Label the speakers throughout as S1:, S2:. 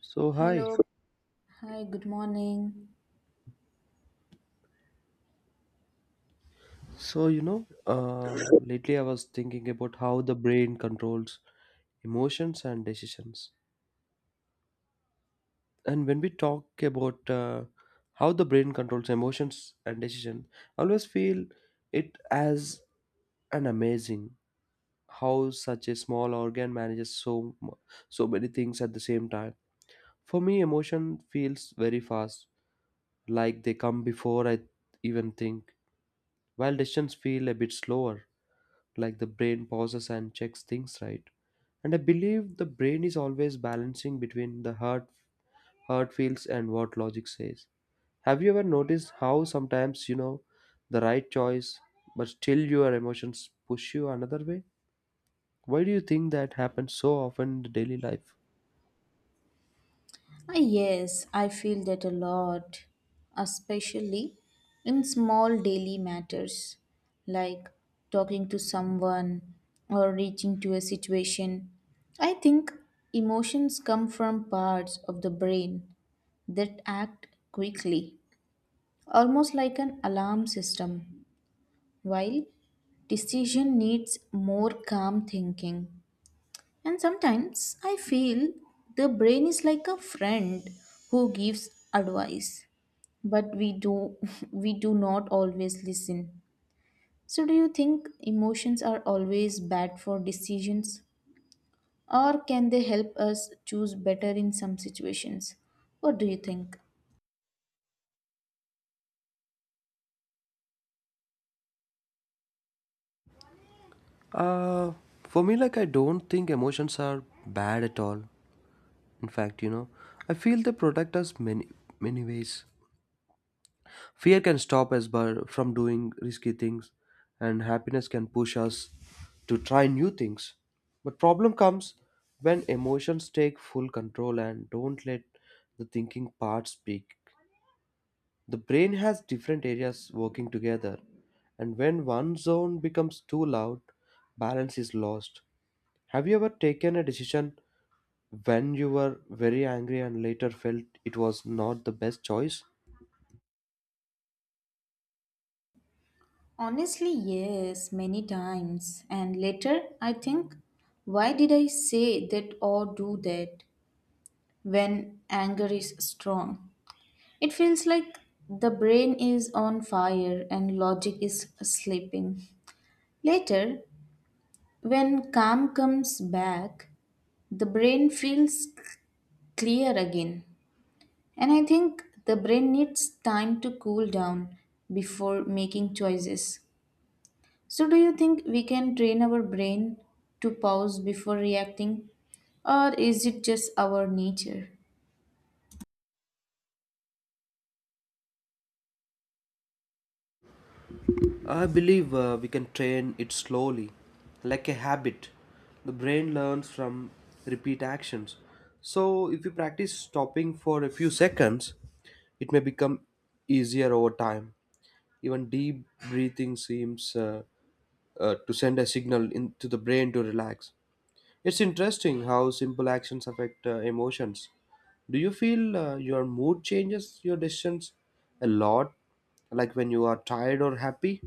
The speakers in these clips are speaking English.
S1: So
S2: Hello.
S1: hi.
S2: Hi, good morning.
S1: Lately I was thinking about how the brain controls emotions and decisions. And when we talk about how the brain controls emotions and decision, I always feel it as an amazing how such a small organ manages so many things at the same time. For me, emotion feels very fast, like they come before I even think, while decisions feel a bit slower, like the brain pauses and checks things, right? And I believe the brain is always balancing between the heart feels and what logic says. Have you ever noticed how sometimes the right choice but still your emotions push you another way? Why do you think that happens so often in the daily life?
S2: Yes, I feel that a lot, especially in small daily matters like talking to someone or reaching to a situation. I think emotions come from parts of the brain that act quickly, almost like an alarm system, while decision needs more calm thinking. And sometimes I feel the brain is like a friend who gives advice, but we do we do not always listen. So do you think emotions are always bad for decisions or can they help us choose better in some situations? What do you think?
S1: Uh, for me, like, I don't think emotions are bad at all. In fact, I feel they protect us many, many ways. Fear can stop us by, from doing risky things, and happiness can push us to try new things. But problem comes when emotions take full control and don't let the thinking part speak. The brain has different areas working together, and when one zone becomes too loud, balance is lost. Have you ever taken a decision when you were very angry and later felt it was not the best choice?
S2: Honestly, yes, many times. And later I think, why did I say that or do that when anger is strong? It feels like the brain is on fire and logic is sleeping. Later, when calm comes back, the brain feels clear again. And I think the brain needs time to cool down before making choices. So, do you think we can train our brain to pause before reacting? Or is it just our nature?
S1: I believe we can train it slowly, like a habit. The brain learns from repeat actions. So, if you practice stopping for a few seconds, it may become easier over time. Even deep breathing seems to send a signal in, to the brain to relax. It's interesting how simple actions affect emotions. Do you feel your mood changes your decisions a lot, like when you are tired or happy?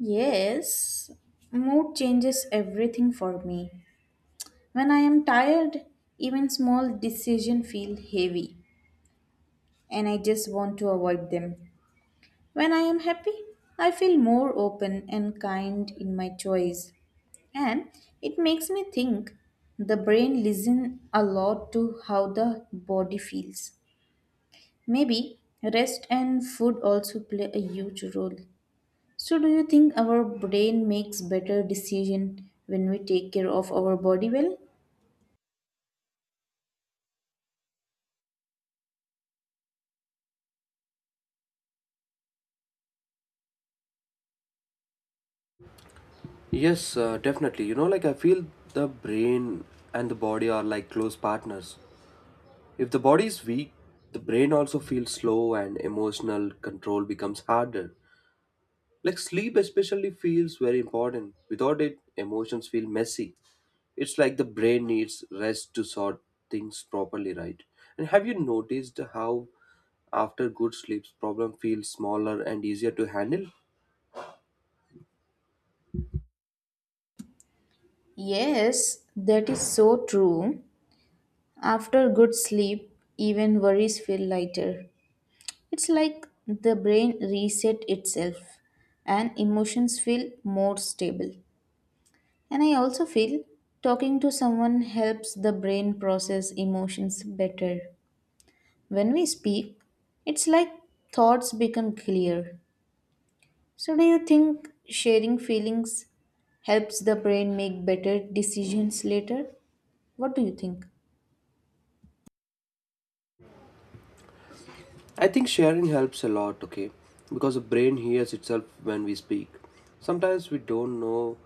S2: Yes, mood changes everything for me. When I am tired, even small decisions feel heavy and I just want to avoid them. When I am happy, I feel more open and kind in my choice. And it makes me think the brain listens a lot to how the body feels. Maybe rest and food also play a huge role. So do you think our brain makes better decision when we take care of our body well?
S1: Yes, definitely. I feel the brain and the body are like close partners. If the body is weak, the brain also feels slow and emotional control becomes harder. Like sleep, especially, feels very important. Without it, emotions feel messy. It's like the brain needs rest to sort things properly, right? And have you noticed how after good sleeps, problem feels smaller and easier to handle?
S2: Yes, that is so true. After good sleep, even worries feel lighter. It's like the brain reset itself and emotions feel more stable. And I also feel talking to someone helps the brain process emotions better. When we speak, it's like thoughts become clear. So do you think sharing feelings helps the brain make better decisions later? What do you think?
S1: I think sharing helps a lot, okay? Because the brain hears itself when we speak. Sometimes we don't know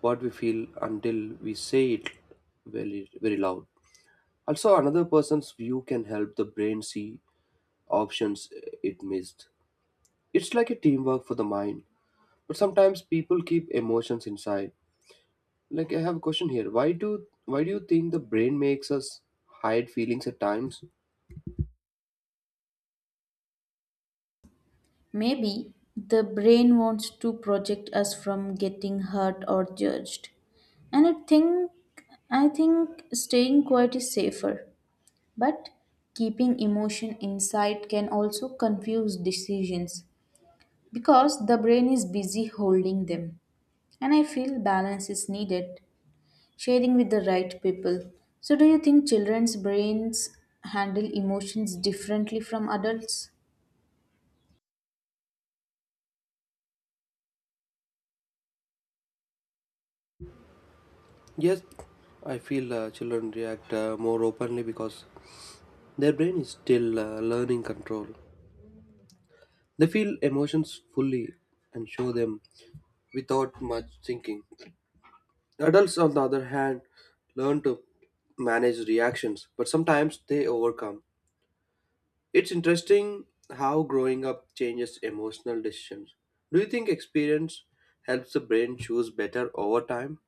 S1: what we feel until we say it very, very loud. Also, another person's view can help the brain see options it missed. It's like a teamwork for the mind. But sometimes people keep emotions inside. Like I have a question here. Why do you think the brain makes us hide feelings at times?
S2: Maybe the brain wants to protect us from getting hurt or judged. And I think staying quiet is safer. But keeping emotion inside can also confuse decisions because the brain is busy holding them. And I feel balance is needed, sharing with the right people. So do you think children's brains handle emotions differently from adults?
S1: Yes, I feel children react more openly because their brain is still learning control. They feel emotions fully and show them without much thinking. Adults, on the other hand, learn to manage reactions, but sometimes they overcome. It's interesting how growing up changes emotional decisions. Do you think experience helps the brain choose better over time?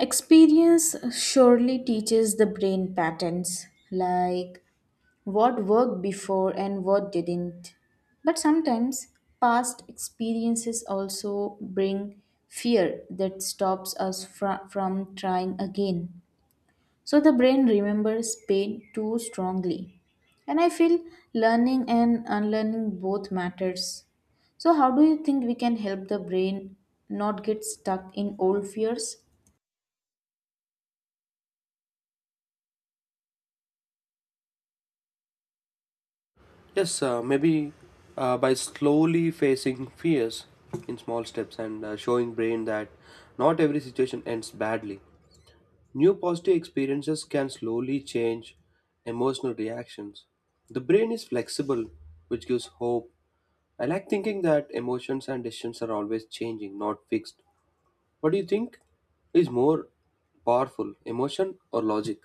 S2: Experience surely teaches the brain patterns like what worked before and what didn't. But sometimes past experiences also bring fear that stops us from trying again. So the brain remembers pain too strongly. And I feel learning and unlearning both matters. So how do you think we can help the brain not get stuck in old fears?
S1: Yes, maybe by slowly facing fears in small steps and showing brain that not every situation ends badly. New positive experiences can slowly change emotional reactions. The brain is flexible, which gives hope. I like thinking that emotions and decisions are always changing, not fixed. What do you think is more powerful, emotion or logic?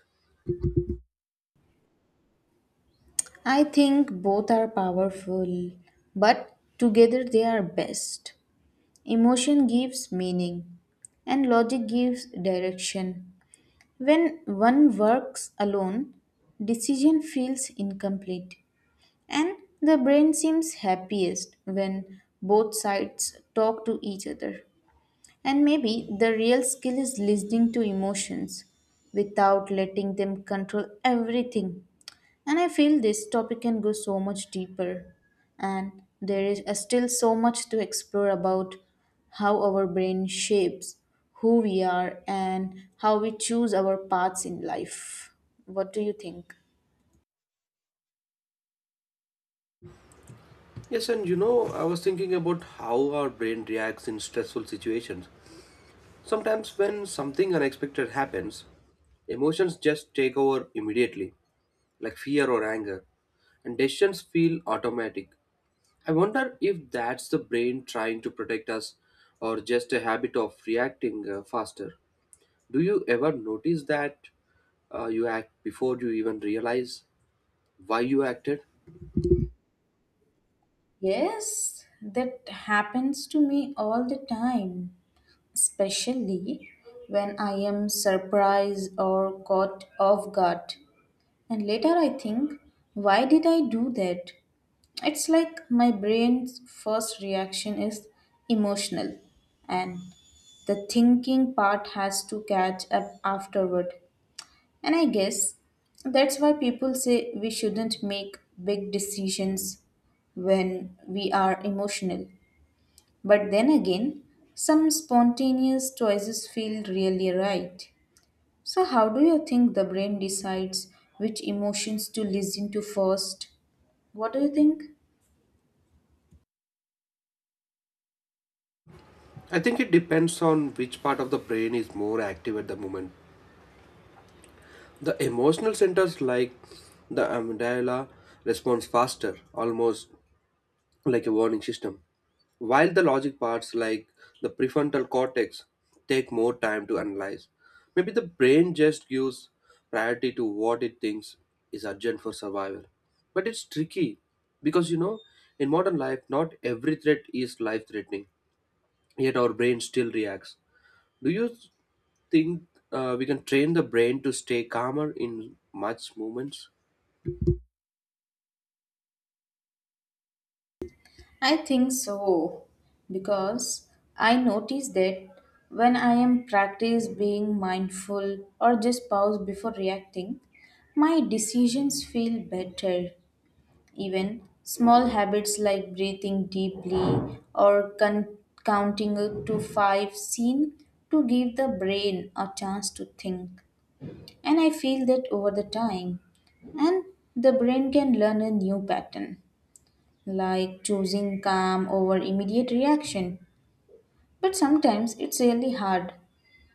S2: I think both are powerful, but together they are best. Emotion gives meaning, and logic gives direction. When one works alone, decision feels incomplete, and the brain seems happiest when both sides talk to each other. And maybe the real skill is listening to emotions without letting them control everything. And I feel this topic can go so much deeper. And there is still so much to explore about how our brain shapes who we are and how we choose our paths in life. What do you think?
S1: Yes, and I was thinking about how our brain reacts in stressful situations. Sometimes, when something unexpected happens, emotions just take over immediately, like fear or anger, and decisions feel automatic. I wonder if that's the brain trying to protect us or just a habit of reacting faster. Do you ever notice that you act before you even realize why you acted?
S2: Yes, that happens to me all the time, especially when I am surprised or caught off guard. And later I think, why did I do that? It's like my brain's first reaction is emotional, and the thinking part has to catch up afterward. And I guess that's why people say we shouldn't make big decisions when we are emotional. But then again, some spontaneous choices feel really right. So, how do you think the brain decides which emotions to listen to first? What do you think?
S1: I think it depends on which part of the brain is more active at the moment. The emotional centers like the amygdala responds faster, almost like a warning system. While the logic parts like the prefrontal cortex take more time to analyze, maybe the brain just gives priority to what it thinks is urgent for survival. But it's tricky because in modern life, not every threat is life threatening, yet our brain still reacts. Do you think we can train the brain to stay calmer in much moments?
S2: I think so, because I notice that when I am practice being mindful or just pause before reacting, my decisions feel better. Even small habits like breathing deeply or counting up to five seem to give the brain a chance to think. And I feel that over the time, and the brain can learn a new pattern, like choosing calm over immediate reaction. But sometimes it's really hard,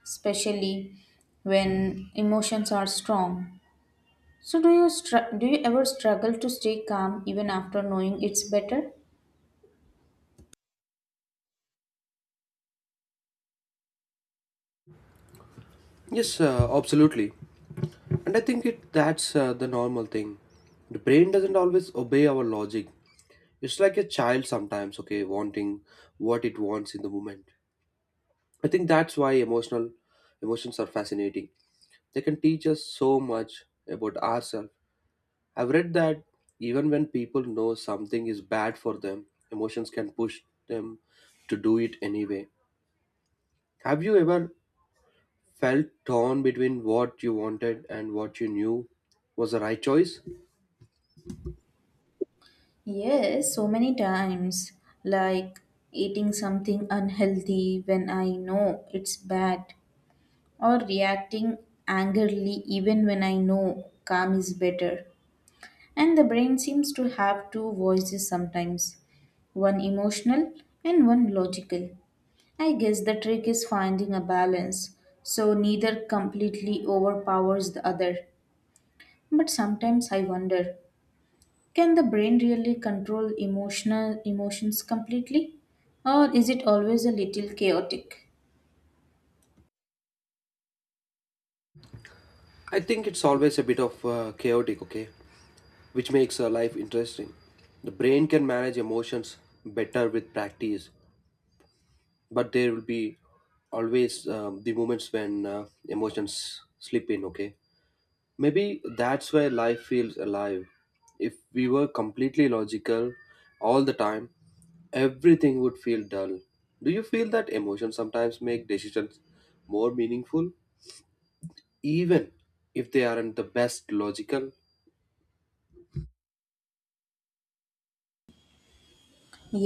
S2: especially when emotions are strong. So do you ever struggle to stay calm even after knowing it's better?
S1: Yes, absolutely. And I think it that's the normal thing. The brain doesn't always obey our logic. It's like a child sometimes, okay, wanting what it wants in the moment. I think that's why emotional emotions are fascinating. They can teach us so much about ourselves. I've read that even when people know something is bad for them, emotions can push them to do it anyway. Have you ever felt torn between what you wanted and what you knew was the right choice?
S2: Yes, so many times, like eating something unhealthy when I know it's bad, or reacting angrily even when I know calm is better. And the brain seems to have two voices sometimes, one emotional and one logical. I guess the trick is finding a balance so neither completely overpowers the other. But sometimes I wonder, can the brain really control emotional emotions completely? Or is it always a little chaotic?
S1: I think it's always a bit of chaotic, okay, which makes life interesting. The brain can manage emotions better with practice, but there will be always the moments when emotions slip in, okay? Maybe that's why life feels alive. If we were completely logical all the time, everything would feel dull. Do you feel that emotions sometimes make decisions more meaningful, even if they aren't the best logical?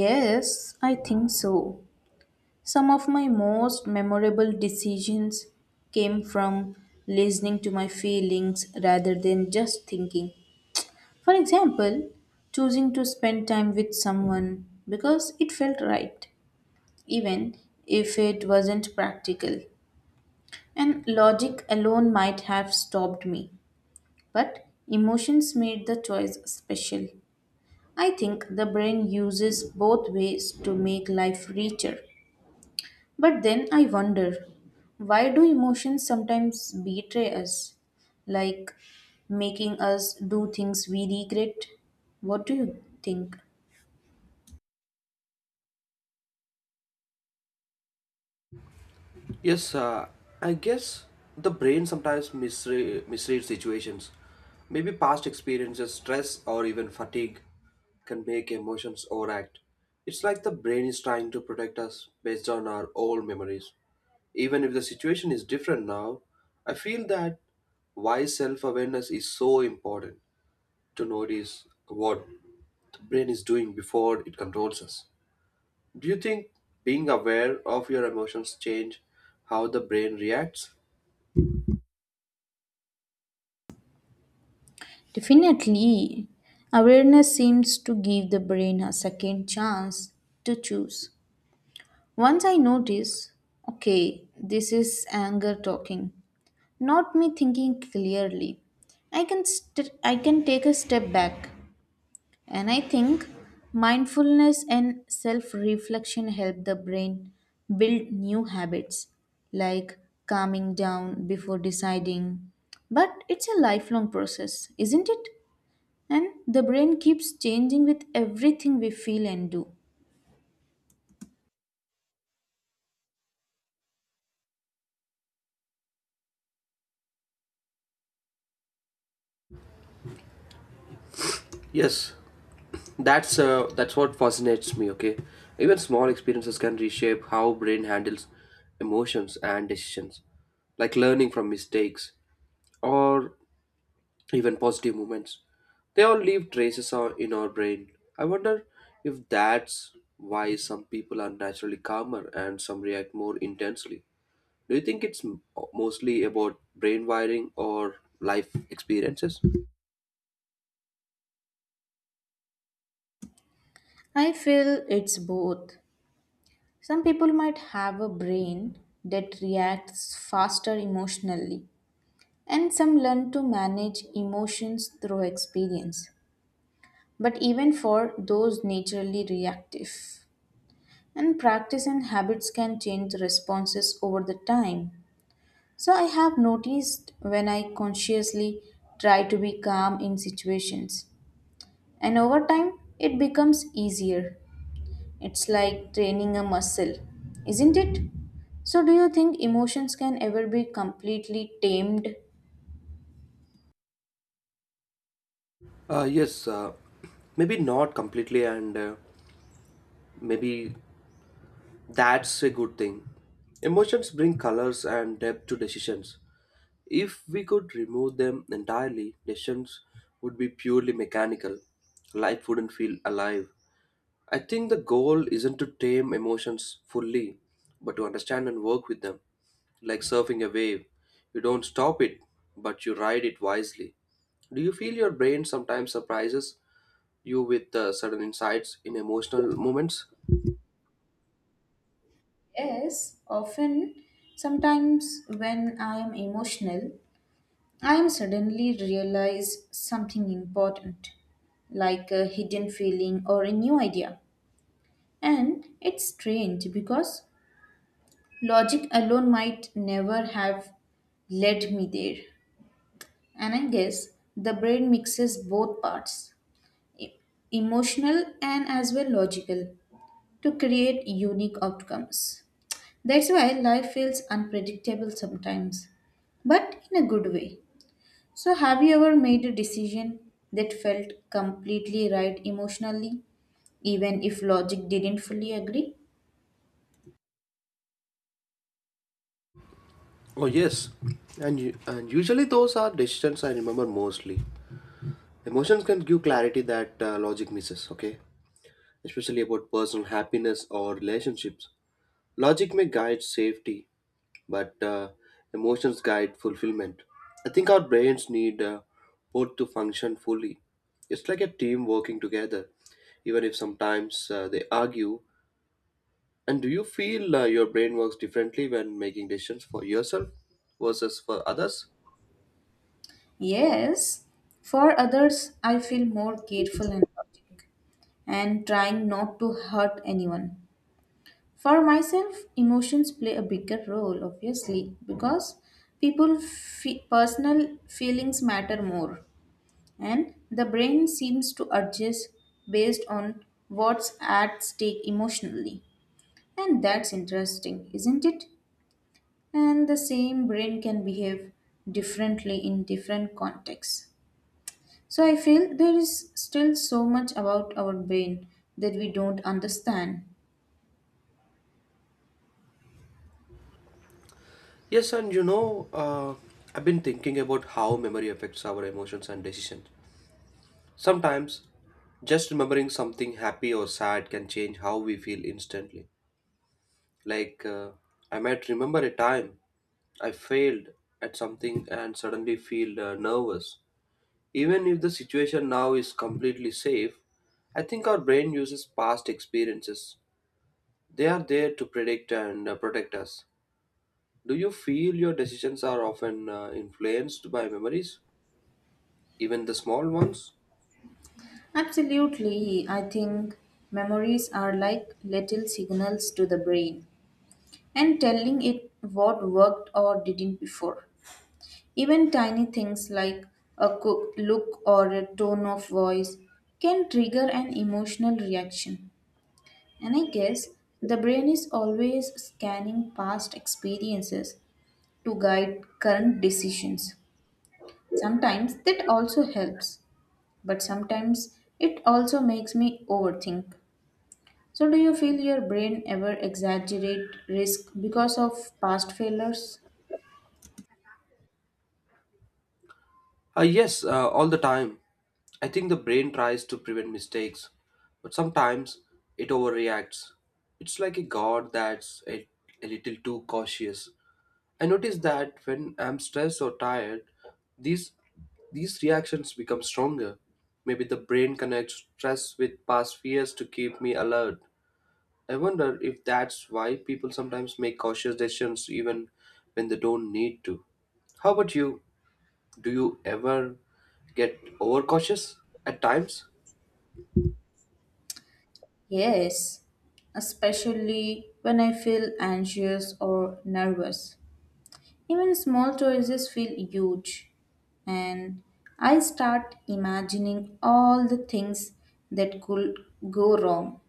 S2: Yes, I think so. Some of my most memorable decisions came from listening to my feelings rather than just thinking. For example, choosing to spend time with someone because it felt right, even if it wasn't practical. And logic alone might have stopped me. But emotions made the choice special. I think the brain uses both ways to make life richer. But then I wonder, why do emotions sometimes betray us? Like making us do things we regret? What do you think?
S1: Yes, I guess the brain sometimes misreads situations. Maybe past experiences, stress, or even fatigue can make emotions overact. It's like the brain is trying to protect us based on our old memories. Even if the situation is different now, I feel that why self awareness is so important to notice what the brain is doing before it controls us. Do you think being aware of your emotions change how the brain reacts?
S2: Definitely. Awareness seems to give the brain a second chance to choose. Once I notice, okay, this is anger talking, not me thinking clearly. I can take a step back and I think mindfulness and self-reflection help the brain build new habits like calming down before deciding. But it's a lifelong process, isn't it? And the brain keeps changing with everything we feel and do.
S1: Yes, that's what fascinates me. Okay, even small experiences can reshape how brain handles emotions and decisions, like learning from mistakes or even positive moments. They all leave traces on, in our brain. I wonder if that's why some people are naturally calmer and some react more intensely. Do you think mostly about brain wiring or life experiences?
S2: I feel it's both. Some people might have a brain that reacts faster emotionally. And some learn to manage emotions through experience. But even for those naturally reactive, and practice and habits can change responses over the time. So I have noticed when I consciously try to be calm in situations, and over time it becomes easier. It's like training a muscle, isn't it? So, do you think emotions can ever be completely tamed?
S1: Yes, maybe not completely and maybe that's a good thing. Emotions bring colors and depth to decisions. If we could remove them entirely, decisions would be purely mechanical. Life wouldn't feel alive. I think the goal isn't to tame emotions fully, but to understand and work with them. Like surfing a wave, you don't stop it, but you ride it wisely. Do you feel your brain sometimes surprises you with sudden insights in emotional moments?
S2: Yes, often, sometimes when I am emotional, I am suddenly realize something important, like a hidden feeling or a new idea. And it's strange because logic alone might never have led me there. And I guess the brain mixes both parts, e- emotional and as well logical, to create unique outcomes. That's why life feels unpredictable sometimes, but in a good way. So, have you ever made a decision that felt completely right emotionally, even if logic didn't fully agree?
S1: Oh yes, and usually those are decisions I remember mostly. Emotions can give clarity that logic misses. Okay, especially about personal happiness or relationships. Logic may guide safety, but emotions guide fulfillment. I think our brains need both to function fully. It's like a team working together, even if sometimes they argue. And do you feel your brain works differently when making decisions for yourself versus for others?
S2: Yes. For others, I feel more careful and logic and trying not to hurt anyone. For myself, emotions play a bigger role, obviously, because personal feelings matter more, and the brain seems to adjust based on what's at stake emotionally. And that's interesting, isn't it? And the same brain can behave differently in different contexts. So I feel there is still so much about our brain that we don't understand.
S1: Yes, and I've been thinking about how memory affects our emotions and decisions. Sometimes, just remembering something happy or sad can change how we feel instantly. Like, I might remember a time I failed at something and suddenly feel nervous. Even if the situation now is completely safe, I think our brain uses past experiences. They are there to predict and protect us. Do you feel your decisions are often influenced by memories, even the small ones?
S2: Absolutely, I think memories are like little signals to the brain and telling it what worked or didn't before. Even tiny things like a cook look or a tone of voice can trigger an emotional reaction. And I guess the brain is always scanning past experiences to guide current decisions. Sometimes that also helps, but sometimes it also makes me overthink. So, do you feel your brain ever exaggerate risk because of past failures?
S1: Yes, all the time. I think the brain tries to prevent mistakes, but sometimes it overreacts. It's like a god that's a little too cautious. I notice that when I'm stressed or tired, these these reactions become stronger. Maybe the brain connects stress with past fears to keep me alert. I wonder if that's why people sometimes make cautious decisions even when they don't need to. How about you? Do you ever get overcautious at times?
S2: Yes, especially when I feel anxious or nervous. Even small choices feel huge, and I start imagining all the things that could go wrong.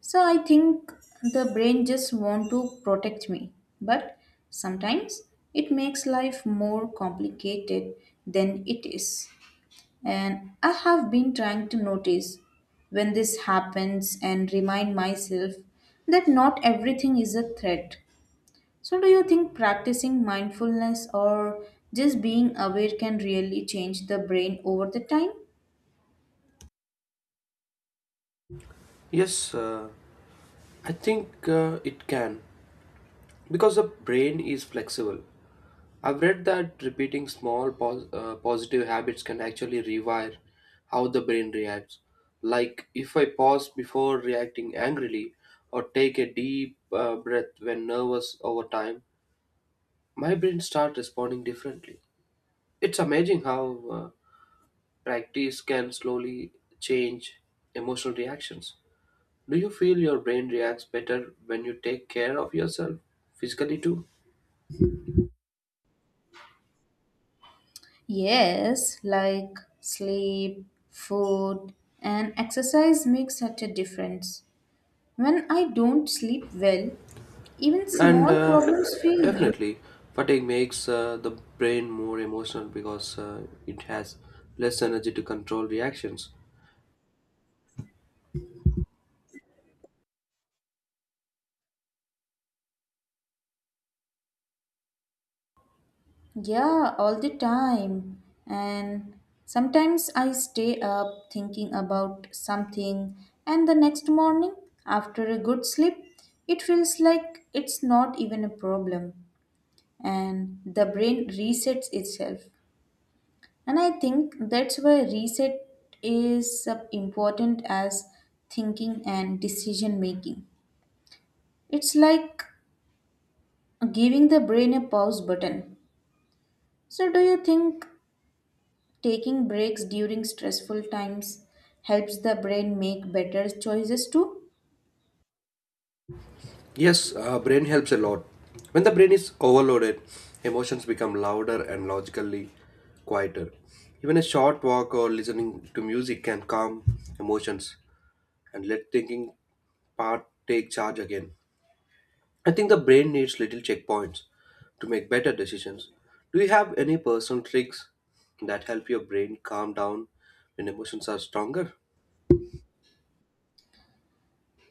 S2: So I think the brain just want to protect me, but sometimes it makes life more complicated than it is. And I have been trying to notice when this happens and remind myself that not everything is a threat. So, do you think practicing mindfulness or just being aware can really change the brain over the time?
S1: Yes, I think it can because the brain is flexible. I've read that repeating small positive habits can actually rewire how the brain reacts. Like if I pause before reacting angrily or take a deep breath when nervous over time, my brain start responding differently. It's amazing how practice can slowly change emotional reactions. Do you feel your brain reacts better when you take care of yourself physically too?
S2: Yes, like sleep, food, and exercise makes such a difference. When I don't sleep well, even
S1: And
S2: small problems feel...
S1: definitely, fatigue makes the brain more emotional because it has less energy to control reactions.
S2: Yeah, all the time. And sometimes I stay up thinking about something, and the next morning, after a good sleep, it feels like it's not even a problem. And the brain resets itself. And I think that's why reset is important as thinking and decision making. It's like giving the brain a pause button. So, do you think taking breaks during stressful times helps the brain make better choices too?
S1: Yes, brain helps a lot. When the brain is overloaded, emotions become louder and logically quieter. Even a short walk or listening to music can calm emotions and let thinking part take charge again. I think the brain needs little checkpoints to make better decisions. Do you have any personal tricks that help your brain calm down when emotions are stronger?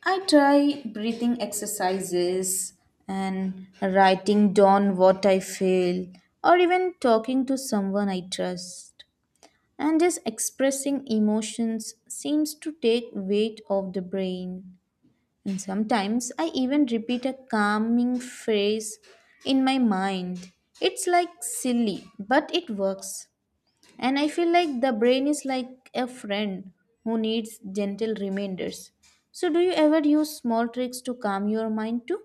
S2: I try breathing exercises and writing down what I feel, or even talking to someone I trust. And just expressing emotions seems to take weight off the brain. And sometimes I even repeat a calming phrase in my mind. It's like silly, but it works. And I feel like the brain is like a friend who needs gentle reminders. So, do you ever use small tricks to calm your mind too?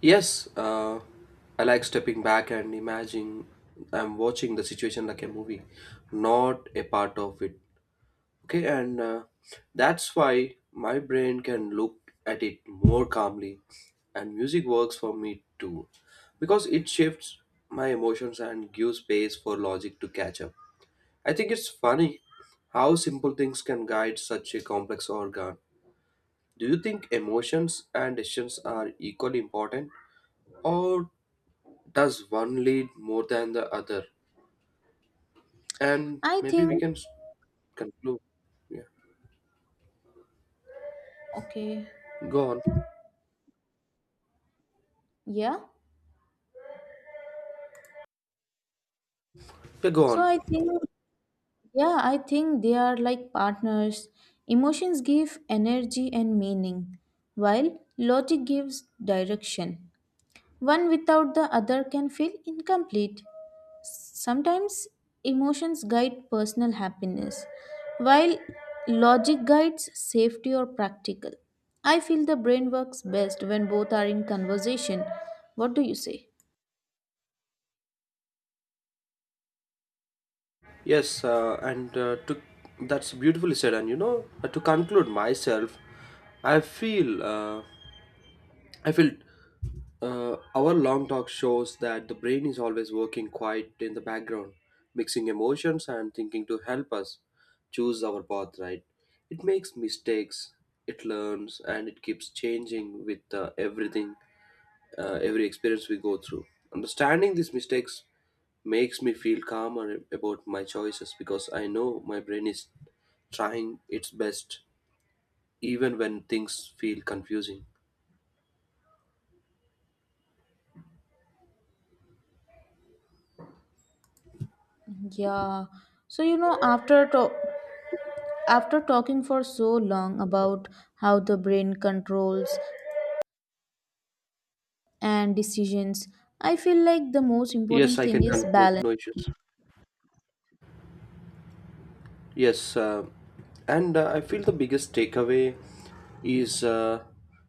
S1: Yes, I like stepping back and imagining I'm watching the situation like a movie, not a part of it. Okay, and that's why my brain can look at it more calmly, and music works for me too, because it shifts my emotions and gives space for logic to catch up. I think it's funny how simple things can guide such a complex organ. Do you think emotions and decisions are equally important? Or does one lead more than the other? And
S2: I
S1: maybe
S2: think,
S1: conclude. Yeah,
S2: okay,
S1: go on.
S2: yeah.
S1: Yeah, go
S2: So,
S1: on.
S2: I think they are like partners. Emotions give energy and meaning, while logic gives direction. One without the other can feel incomplete. Sometimes emotions guide personal happiness, while logic guides safety or practical. I feel the brain works best when both are in conversation. What do you say?
S1: Yes, and to that's beautifully said. And to conclude myself, I feel. Uh, I feel our long talk shows that the brain is always working quiet in the background, mixing emotions and thinking to help us choose our path right. It makes mistakes, it learns, and it keeps changing with everything, every experience we go through. Understanding these mistakes makes me feel calmer about my choices because I know my brain is trying its best even when things feel confusing.
S2: Yeah. So you know after talking for so long about how the brain controls and decisions, I feel like the most
S1: Yes,
S2: important
S1: I
S2: thing
S1: can
S2: is
S1: conclude,
S2: balance.
S1: no issues. Yes, and I feel the biggest takeaway is uh,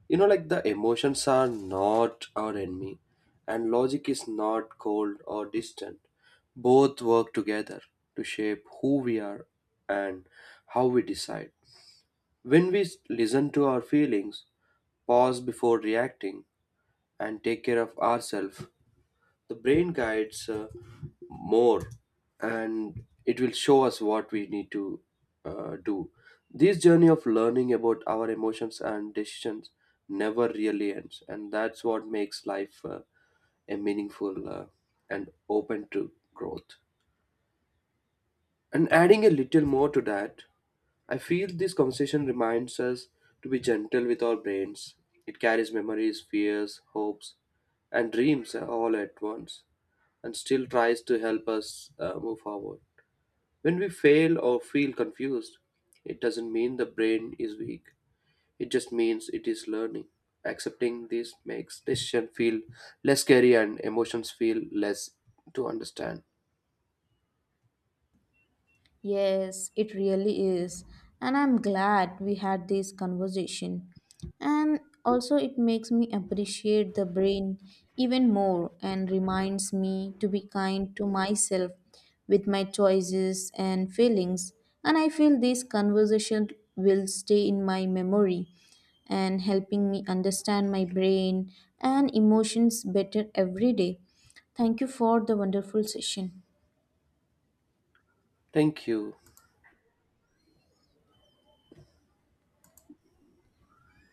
S1: you know, like the emotions are not our enemy, and logic is not cold or distant. Both work together to shape who we are and how we decide. When listen to our feelings, pause before reacting, and take care of ourselves, the brain guides more and it will show us what we need to do. This journey of learning about our emotions and decisions never really ends, and that's what makes life a meaningful and open to growth. And adding a little more to that, I feel this conversation reminds us to be gentle with our brains. It carries memories, fears, hopes, and dreams all at once, and still tries to help us move forward. When we fail or feel confused, it doesn't mean the brain is weak. It just means it is learning. Accepting this makes decision feel less scary and emotions feel less to understand.
S2: Yes, it really is. And I'm glad we had this conversation. And also, it makes me appreciate the brain even more and reminds me to be kind to myself with my choices and feelings. And I feel this conversation will stay in my memory and helping me understand my brain and emotions better every day. Thank you for the wonderful session.
S1: Thank you.